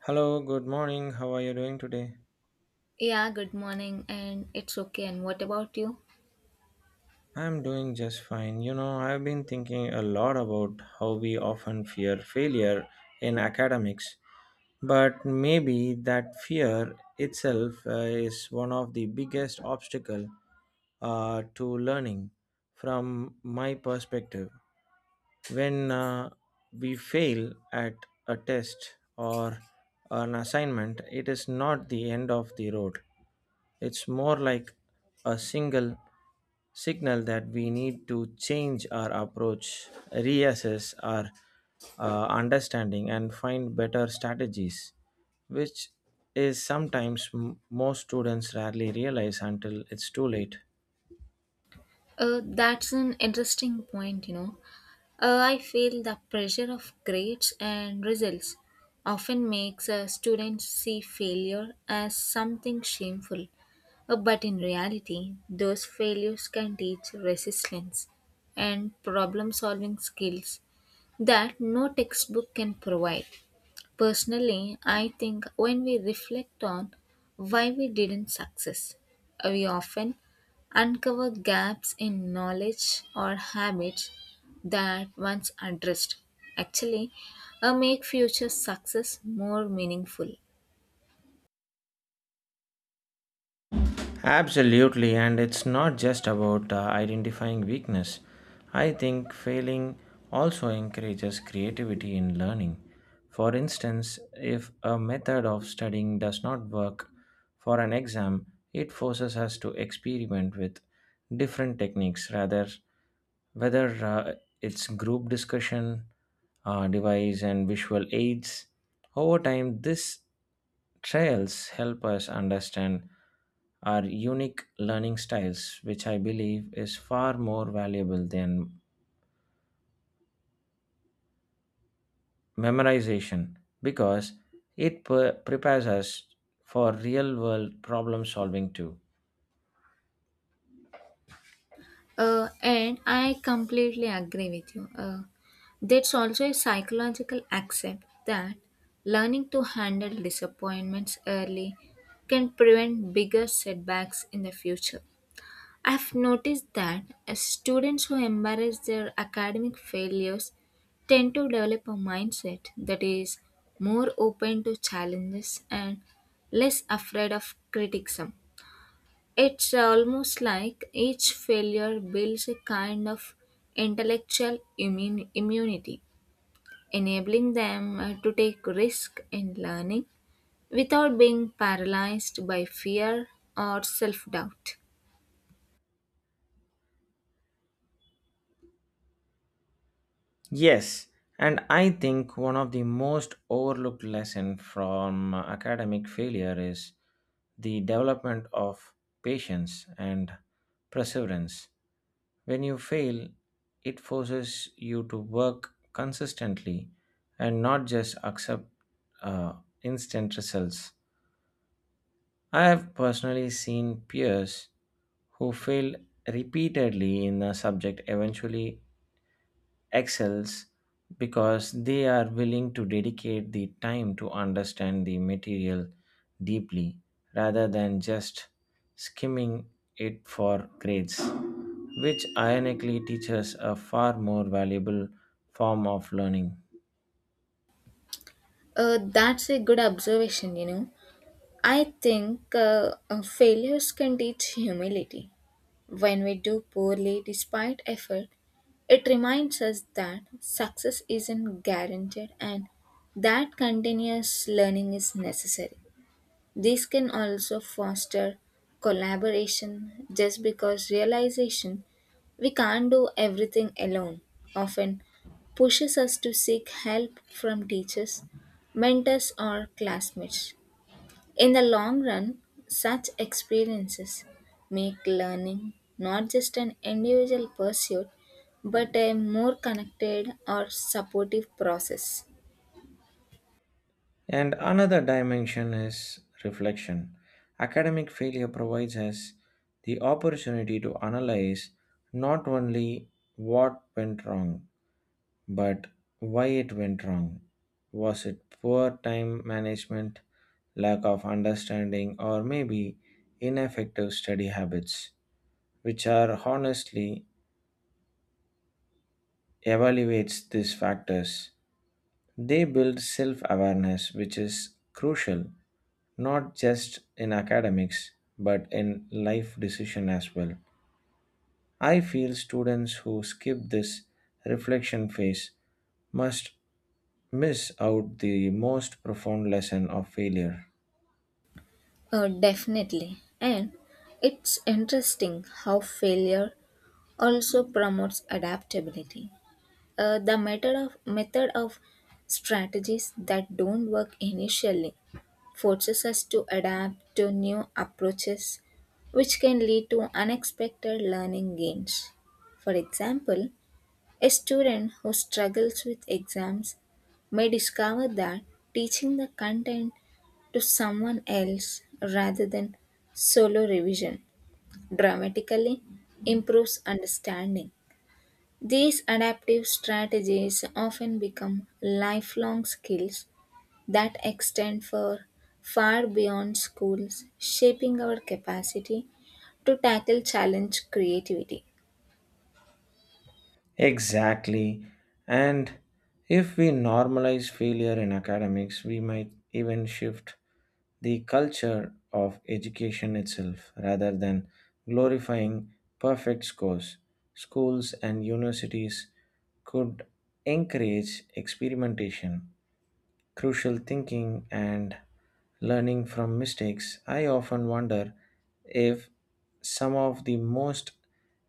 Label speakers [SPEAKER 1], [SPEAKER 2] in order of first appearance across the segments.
[SPEAKER 1] Hello, good morning. How are you doing today?
[SPEAKER 2] Yeah, good morning, and it's okay. And what about you?
[SPEAKER 1] I'm doing just fine. You know, I've been thinking a lot about how we often fear failure in academics, but maybe that fear itself is one of the biggest obstacle to learning from my perspective. When we fail at a test or an assignment, it is not the end of the road. It's more like a single signal that we need to change our approach, reassess our understanding, and find better strategies, which is sometimes most students rarely realize until it's too late.
[SPEAKER 2] That's an interesting point. I feel the pressure of grades and results often makes a student see failure as something shameful. But in reality, those failures can teach resilience and problem solving skills that no textbook can provide. Personally, I think when we reflect on why we didn't success, we often uncover gaps in knowledge or habits that once addressed actually make future success more meaningful.
[SPEAKER 1] Absolutely, and it's not just about identifying weakness. I think failing also encourages creativity in learning. For instance, if a method of studying does not work for an exam, it forces us to experiment with different techniques rather whether it's group discussion, device, and visual aids. Over time, this Trials help us understand our unique learning styles, which I believe is far more valuable than memorization because it prepares us for real world problem solving too.
[SPEAKER 2] And I completely agree with you. There's also a psychological accept that learning to handle disappointments early can prevent bigger setbacks in the future. I've noticed that students who embrace their academic failures tend to develop a mindset that is more open to challenges and less afraid of criticism. It's almost like each failure builds a kind of immunity, enabling them to take risk in learning without being paralyzed by fear or self doubt.
[SPEAKER 1] Yes, and I think one of the most overlooked lesson from academic failure is the development of patience and perseverance. When you fail, it forces you to work consistently and not just accept uh, instant results. I have personally seen peers who failed repeatedly in a subject eventually excels because they are willing to dedicate the time to understand the material deeply rather than just skimming it for grades, which ironically teaches a far more valuable form of learning.
[SPEAKER 2] That's a good observation. I think failures can teach humility. When we do poorly despite effort, it reminds us that success isn't guaranteed and that continuous learning is necessary. This can also foster collaboration just because realization we can't do everything alone often pushes us to seek help from teachers, mentors, or classmates. In the long run, such experiences make learning not just an individual pursuit but a more connected or supportive process.
[SPEAKER 1] And another dimension is reflection. Academic failure provides us the opportunity to analyze not only what went wrong, but why it went wrong. Was it poor time management, lack of understanding, or maybe ineffective study habits, which are honestly evaluates these factors? They build self awareness, which is crucial not just in academics but in life decision as well. I feel students who skip this reflection phase must miss out the most profound lesson of failure.
[SPEAKER 2] Definitely. And it's interesting how failure also promotes adaptability. The method of strategies that don't work initially forces us to adapt to new approaches, which can lead to unexpected learning gains. For example, a student who struggles with exams may discover that teaching the content to someone else rather than solo revision dramatically improves understanding. These adaptive strategies often become lifelong skills that extend for far beyond schools, shaping our capacity to tackle challenge creativity.
[SPEAKER 1] Exactly. And if we normalize failure in academics, we might even shift the culture of education itself rather than glorifying perfect scores. Schools and universities could encourage experimentation, crucial thinking and learning from mistakes. I often wonder if some of the most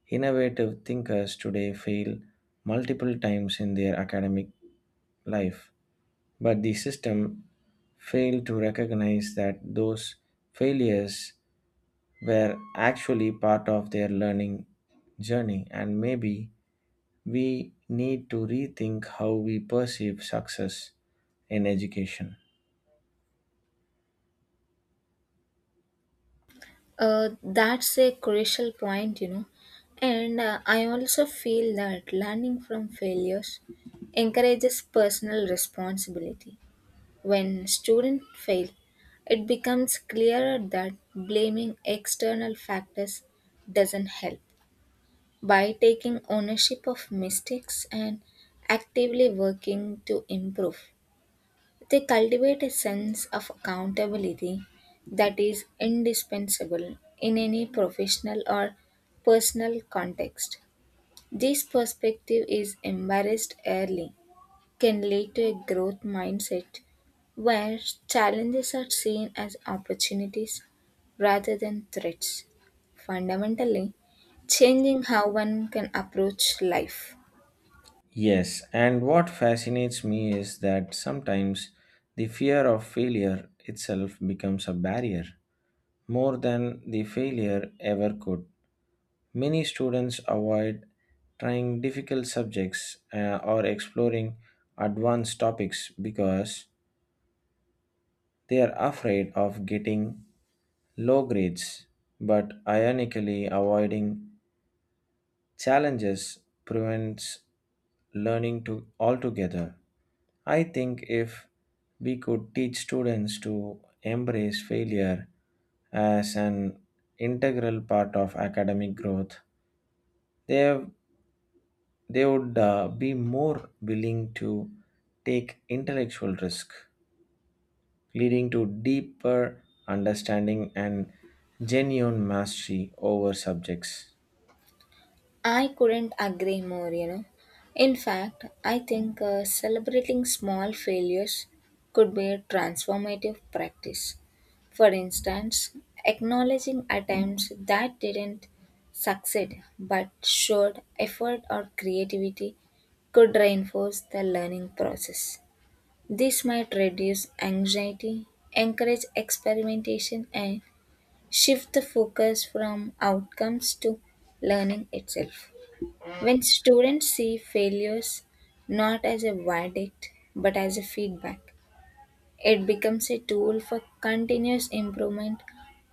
[SPEAKER 1] innovative thinkers today fail multiple times in their academic life, but the system failed to recognize that those failures were actually part of their learning journey, and maybe we need to rethink how we perceive success in education.
[SPEAKER 2] That's a crucial point. And I also feel that learning from failures encourages personal responsibility. When students fail, it becomes clearer that blaming external factors doesn't help. By taking ownership of mistakes and actively working to improve. They cultivate a sense of accountability that is indispensable in any professional or personal context. This perspective is embraced early can lead to a growth mindset where challenges are seen as opportunities rather than threats, fundamentally changing how one can approach life.
[SPEAKER 1] Yes, and what fascinates me is that sometimes the fear of failure itself becomes a barrier more than the failure ever could. Many students avoid trying difficult subjects or exploring advanced topics because they are afraid of getting low grades, but ironically, avoiding challenges prevents learning to altogether. I think if we could teach students to embrace failure as an integral part of academic growth, they, they would be more willing to take intellectual risk, leading to deeper understanding and genuine mastery over subjects.
[SPEAKER 2] I couldn't agree more. In fact, I think celebrating small failures could be a transformative practice. For instance, acknowledging attempts that didn't succeed but showed effort or creativity could reinforce the learning process. This might reduce anxiety, encourage experimentation, and shift the focus from outcomes to learning itself. When students see failures not as a verdict but as a feedback, it becomes a tool for continuous improvement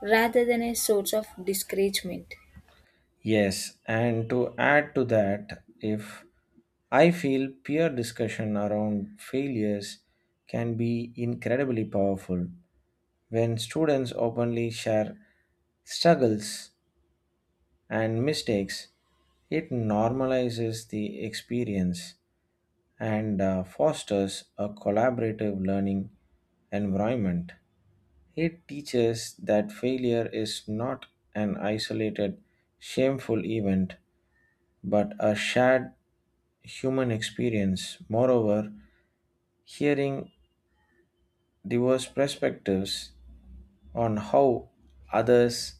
[SPEAKER 2] rather than a source of discouragement.
[SPEAKER 1] Yes, and to add to that, if I feel peer discussion around failures can be incredibly powerful when students openly share struggles and mistakes. It normalizes the experience and fosters a collaborative learning environment. It teaches that failure is not an isolated, shameful event but a shared human experience. Moreover, hearing diverse perspectives on how others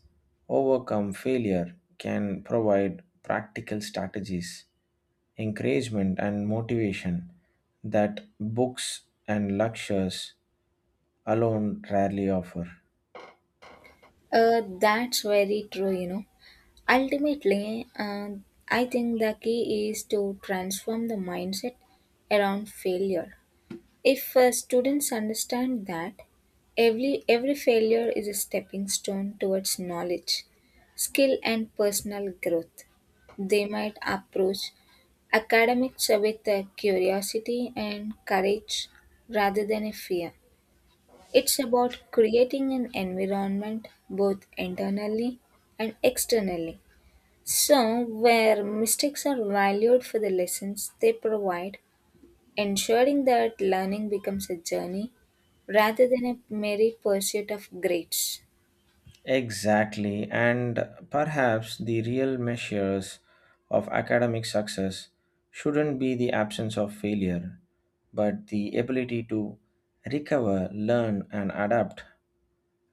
[SPEAKER 1] overcome failure can provide practical strategies, encouragement, and motivation that books and lectures alone rarely offer.
[SPEAKER 2] That's very true. Ultimately, I think the key is to transform the mindset around failure. If students understand that every failure is a stepping stone towards knowledge, skill, and personal growth, they might approach academics with a curiosity and courage rather than a fear. It's about creating an environment both internally and externally. So, where mistakes are valued for the lessons they provide, ensuring that learning becomes a journey rather than a merry pursuit of grades.
[SPEAKER 1] Exactly, and perhaps the real measures of academic success shouldn't be the absence of failure, but the ability to recover, learn, and adapt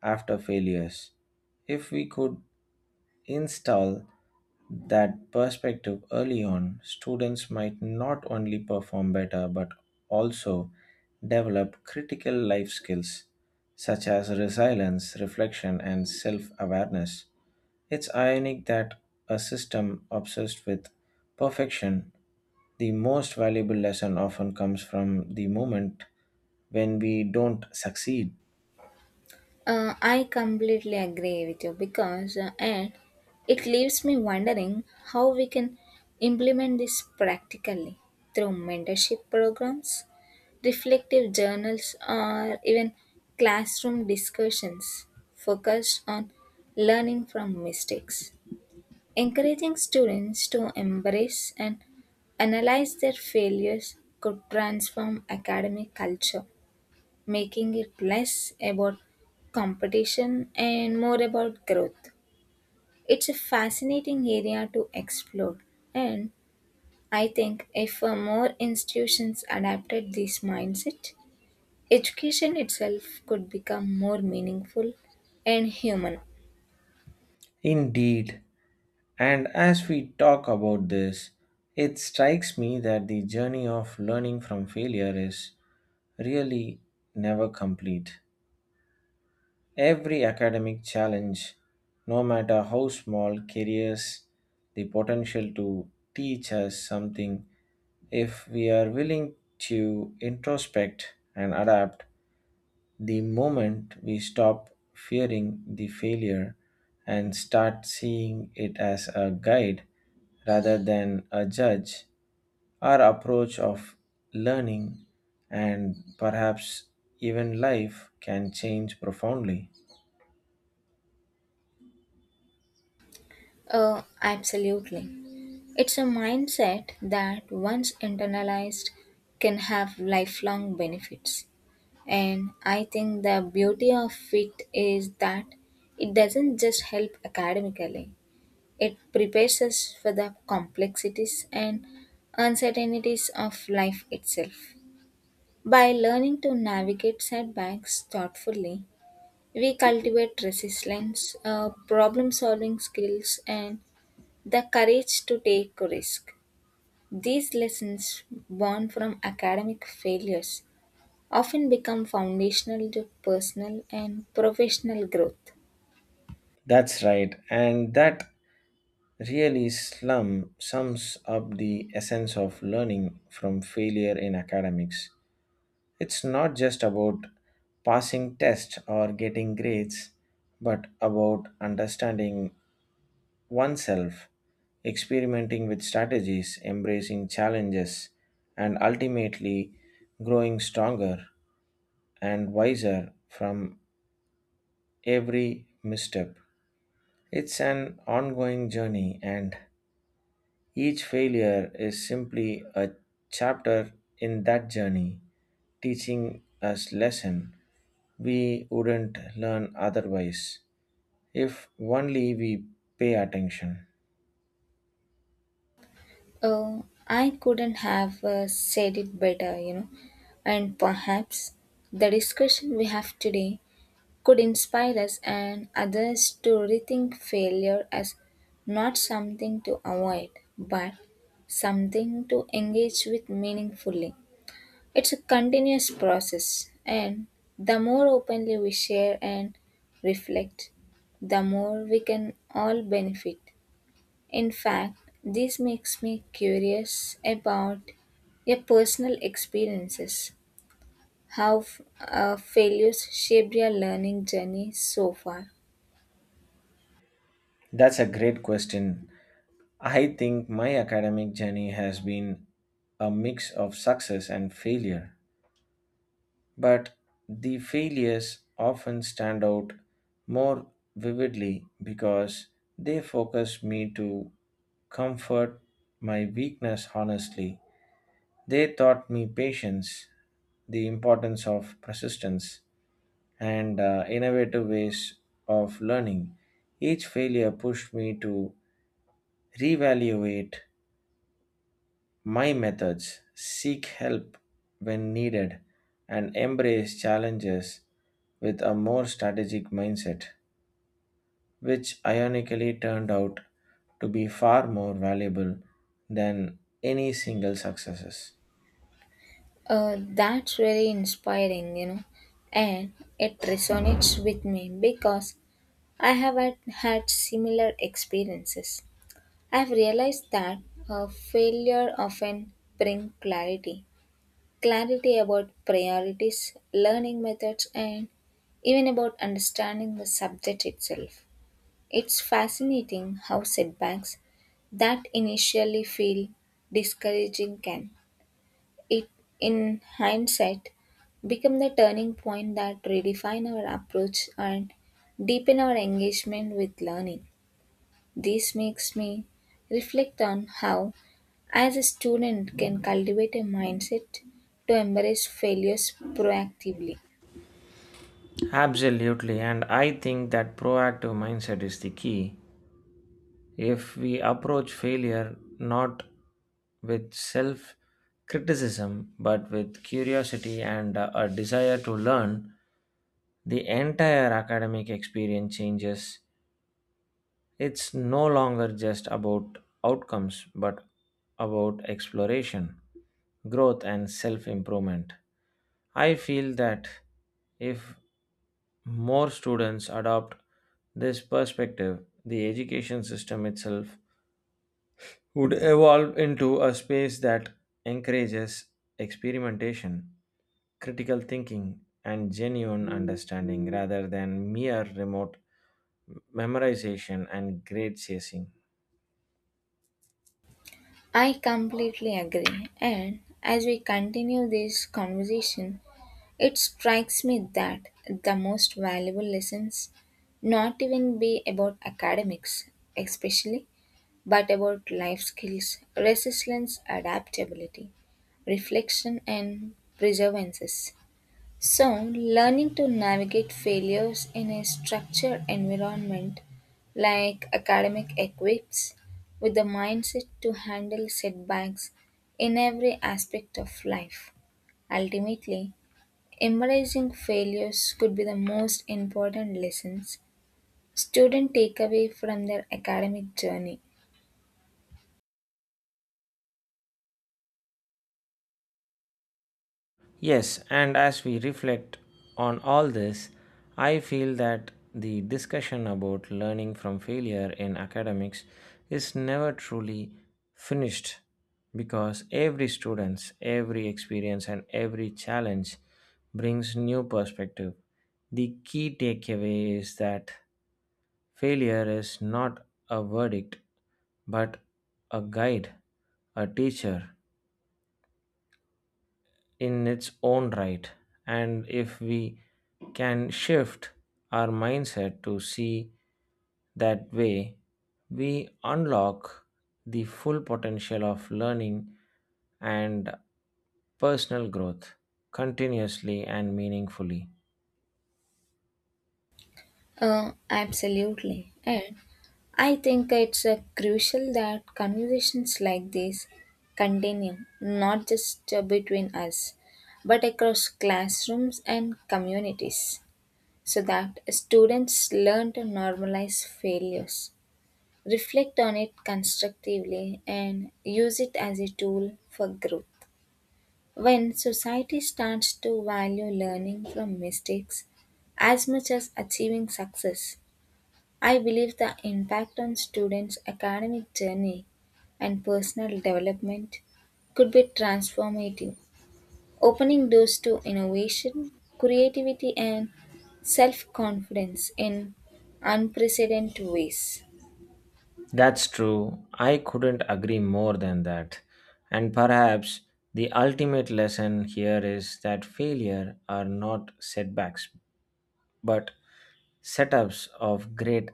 [SPEAKER 1] after failures. If we could install that perspective early on, students might not only perform better but also develop critical life skills such as resilience, reflection, and self awareness. It's ironic that a system obsessed with perfection the most valuable lesson often comes from the moment when we don't succeed.
[SPEAKER 2] I completely agree with you because and it leaves me wondering how we can implement this practically through mentorship programs, reflective journals, or even classroom discussions focused on learning from mistakes. Encouraging students to embrace and analyze their failures could transform academic culture making it less about competition and more about growth. It's a fascinating area to explore, and I think if more institutions adapted this mindset, education itself could become more meaningful and human.
[SPEAKER 1] Indeed, and as we talk about this, it strikes me that the journey of learning from failure is really never complete. Every academic challenge, no matter how small, carries the potential to teach us something if we are willing to introspect and adapt. The moment we stop fearing the failure and start seeing it as a guide rather than a judge, our approach of learning and perhaps even life can change profoundly.
[SPEAKER 2] Oh, absolutely. It's a mindset that, once internalized, can have lifelong benefits. And I think the beauty of it is that it doesn't just help academically, it prepares us for the complexities and uncertainties of life itself. By learning to navigate setbacks thoughtfully, we cultivate resilience, problem solving skills, and the courage to take risk. These lessons, born from academic failures, often become foundational to personal and professional growth.
[SPEAKER 1] That's right, and that really slum sums up the essence of learning from failure in academics. It's not just about passing tests or getting grades, but about understanding oneself, experimenting with strategies, embracing challenges, and ultimately growing stronger and wiser from every misstep. It's an ongoing journey, and each failure is simply a chapter in that journey, teaching us lesson we wouldn't learn otherwise if only we pay attention.
[SPEAKER 2] Uh, I couldn't have said it better, you know, and perhaps the discussion we have today could inspire us and others to rethink failure as not something to avoid, but something to engage with meaningfully. It's a continuous process, and the more openly we share and reflect, the more we can all benefit. In fact, this makes me curious about your personal experiences, how failures shaped your learning journey so far.
[SPEAKER 1] That's a great question. I think my academic journey has been a mix of success and failure, but the failures often stand out more vividly because they focus me to comfort my weakness honestly. They taught me patience, the importance of persistence, and innovative ways of learning. Each failure pushed me to reevaluate my methods, seek help when needed, and embrace challenges with a more strategic mindset, which ironically turned out to be far more valuable than any single successes.
[SPEAKER 2] That's very inspiring, you know, and it resonates with me because I have had, had similar experiences. I've realized that a failure often brings clarity about priorities, learning methods, and even about understanding the subject itself. It's fascinating how setbacks that initially feel discouraging can, it, in hindsight, become the turning point that redefine our approach and deepen our engagement with learning. This makes me reflect on how, as a student, can cultivate a mindset to embrace failures proactively.
[SPEAKER 1] Absolutely, and I think that proactive mindset is the key. If we approach failure not with self criticism but with curiosity and a desire to learn, the entire academic experience changes. It's no longer just about outcomes but about exploration, growth, and self improvement. I feel that if more students adopt this perspective, the education system itself would evolve into a space that encourages experimentation, critical thinking, and genuine understanding rather than mere remote memorization and grade chasing.
[SPEAKER 2] I completely agree, and as we continue this conversation, it strikes me that the most valuable lessons not even be about academics, especially, but about life skills, resilience, adaptability, reflection, and perseverance. So, learning to navigate failures in a structured environment like academic equips with the mindset to handle setbacks in every aspect of life. Ultimately, embracing failures could be the most important lessons students take away from their academic journey.
[SPEAKER 1] Yes, and as we reflect on all this, I feel that the discussion about learning from failure in academics is never truly finished because every student's every experience and every challenge brings new perspective. The key takeaway is that failure is not a verdict but a guide, a teacher, in its own right. And if we can shift our mindset to see that way, we unlock the full potential of learning and personal growth continuously and meaningfully.
[SPEAKER 2] Absolutely. And I think it's crucial that conversations like this continue, not just between us, but across classrooms and communities, so that students learn to normalize failures, reflect on it constructively, and use it as a tool for growth. When society starts to value learning from mistakes as much as achieving success, I believe the impact on students' academic journey and personal development could be transformative, opening doors to innovation, creativity, and self confidence in unprecedented ways.
[SPEAKER 1] That's true. I couldn't agree more than that. And perhaps the ultimate lesson here is that failure are not setbacks, but setups of greater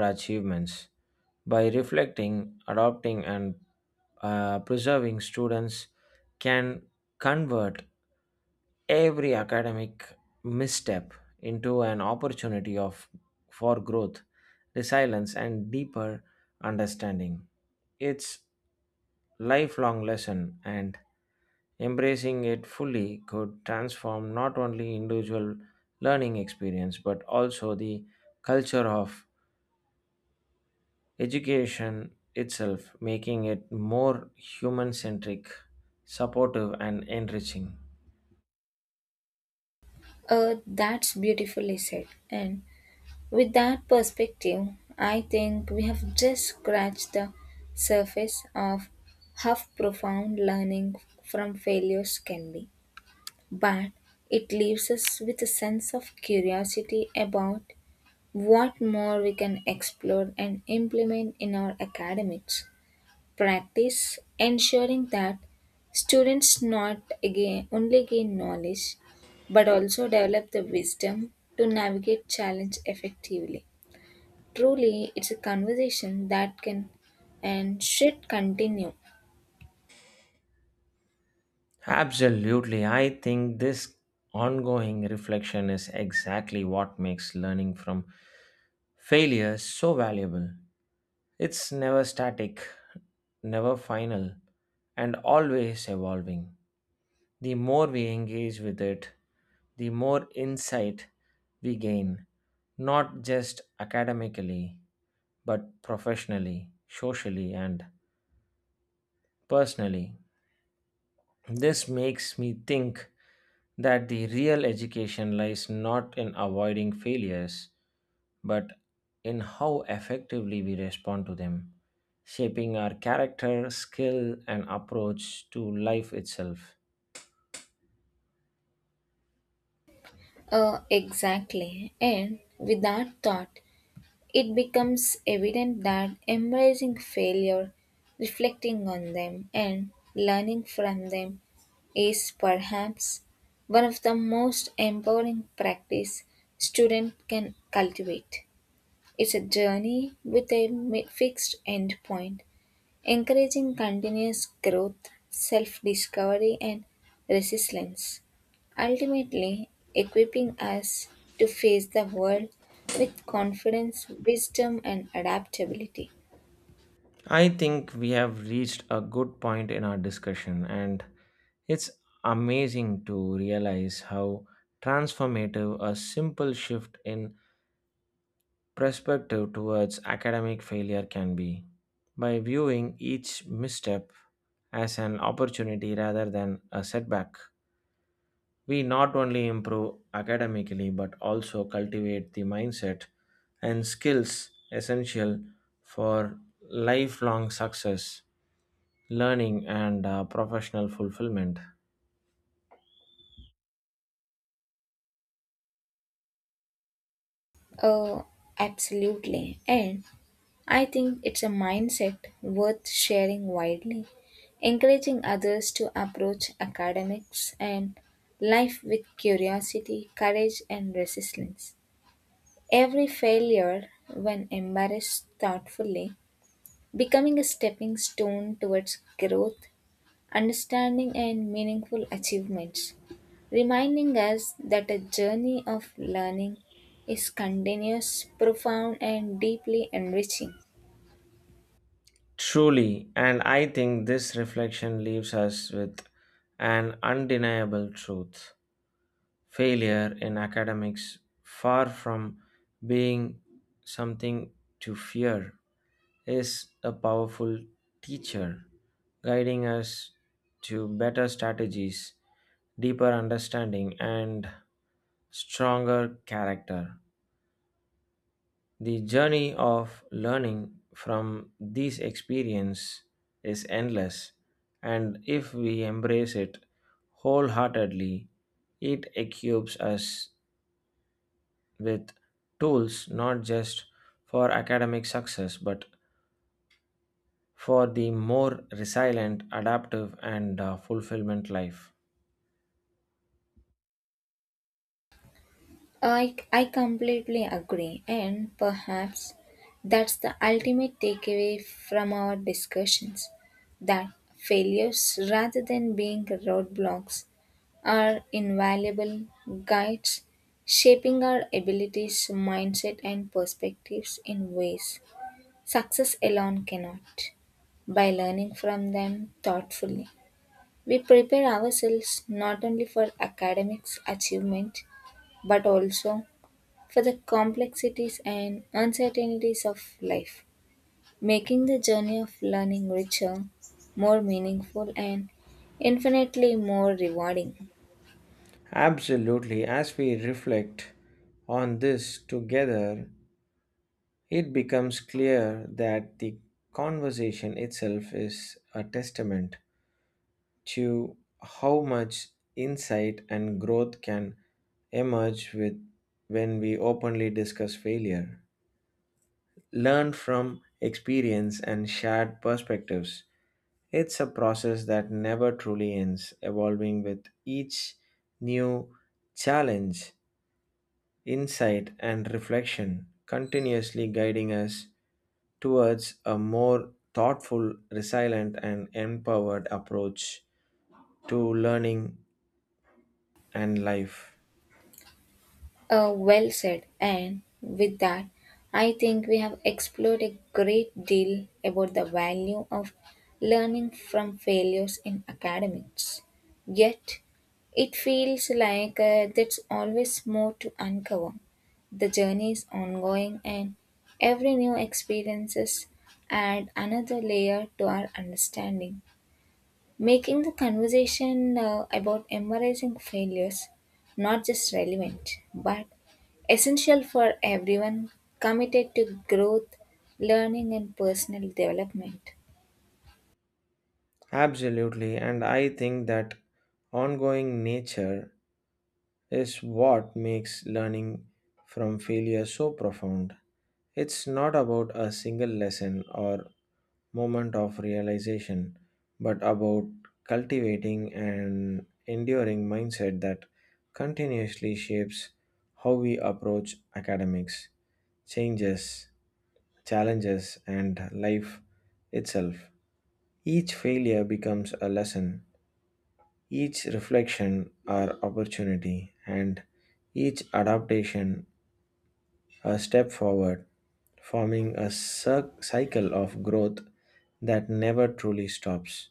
[SPEAKER 1] achievements. By reflecting, adopting, and preserving, students can convert every academic misstep into an opportunity of for growth, resilience, and deeper understanding. It's lifelong lesson, and embracing it fully could transform not only individual learning experience but also the culture of education itself, making it more human centric, supportive, and enriching.
[SPEAKER 2] That's beautifully said. And with that perspective, I think we have just scratched the surface of how profound learning from failures can be. But it leaves us with a sense of curiosity about what more we can explore and implement in our academics practice, ensuring that students not again, only gain knowledge but also develop the wisdom to navigate challenge effectively. Truly, it's a conversation that can and should continue.
[SPEAKER 1] Absolutely. I think this ongoing reflection is exactly what makes learning from failure so valuable. It's never static, never final, and always evolving. The more we engage with it, the more insight we gain, not just academically, but professionally, socially, and personally. This makes me think that the real education lies not in avoiding failures, but in how effectively we respond to them, shaping our character, skill, and approach to life itself.
[SPEAKER 2] Exactly. And with that thought, it becomes evident that embracing failure, reflecting on them, and learning from them is perhaps one of the most empowering practice student can cultivate. It's a journey with a fixed end point encouraging continuous growth, self discovery, and resilience, ultimately equipping us to face the world with confidence, wisdom, and adaptability.
[SPEAKER 1] I think we have reached a good point in our discussion, and it's amazing to realize how transformative a simple shift in perspective towards academic failure can be by viewing each misstep as an opportunity rather than a setback. We not only improve academically but also cultivate the mindset and skills essential for lifelong success, learning, and professional fulfillment.
[SPEAKER 2] Oh, absolutely. And I think it's a mindset worth sharing widely, encouraging others to approach academics and life with curiosity, courage, and resilience. Every failure, when embraced thoughtfully, becoming a stepping stone towards growth, understanding, and meaningful achievements, reminding us that a journey of learning is continuous, profound, and deeply enriching.
[SPEAKER 1] Truly, and I think this reflection leaves us with an undeniable truth. Failure in academics, far from being something to fear, is a powerful teacher, guiding us to better strategies, deeper understanding, and stronger character. The journey of learning from these experience is endless, and if we embrace it wholeheartedly, it equips us with tools not just for academic success but for the more resilient, adaptive, and fulfillment life.
[SPEAKER 2] I completely agree, and perhaps that's the ultimate takeaway from our discussions that failures, rather than being roadblocks, are invaluable guides, shaping our abilities, mindset, and perspectives in ways success alone cannot. By learning from them thoughtfully, we prepare ourselves not only for academics achievement but also for the complexities and uncertainties of life, making the journey of learning richer, more meaningful, and infinitely more rewarding.
[SPEAKER 1] Absolutely. As we reflect on this together, it becomes clear that the conversation itself is a testament to how much insight and growth can emerge with when we openly discuss failure. Learned from experience and shared perspectives. It's a process that never truly ends, evolving with each new challenge, insight, and reflection, continuously guiding us towards a more thoughtful, resilient, and empowered approach to learning and life.
[SPEAKER 2] Well said. And with that, I think we have explored a great deal about the value of learning from failures in academics. Yet, it feels like there's always more to uncover. The journey is ongoing, and every new experiences add another layer to our understanding making the conversation about embracing failures not just relevant but essential for everyone committed to growth, learning, and personal development.
[SPEAKER 1] Absolutely, and I think that ongoing nature is what makes learning from failure so profound. It's not about a single lesson or moment of realization, but about cultivating an enduring mindset that continuously shapes how we approach academics, changes, challenges, and life itself. Each failure becomes a lesson, each reflection, our opportunity, and each adaptation a step forward, forming a cycle of growth that never truly stops.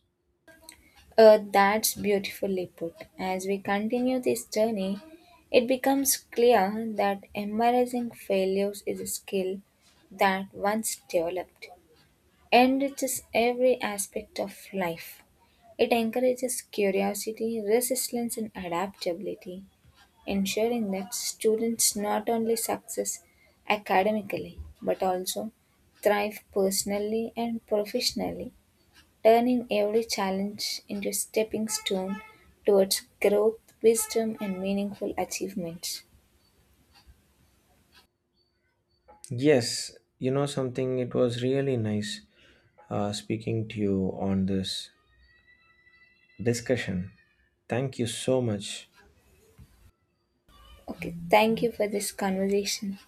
[SPEAKER 2] That's beautifully put. As we continue this journey, it becomes clear that embracing failures is a skill that once developed enriches every aspect of life. It encourages curiosity, resistance, and adaptability, ensuring that students not only success academically but also thrive personally and professionally, turning every challenge into a stepping stone towards growth, wisdom, and meaningful achievements.
[SPEAKER 1] Yes, you know something, it was really nice speaking to you on this discussion. Thank you so much.
[SPEAKER 2] Okay, thank you for this conversation.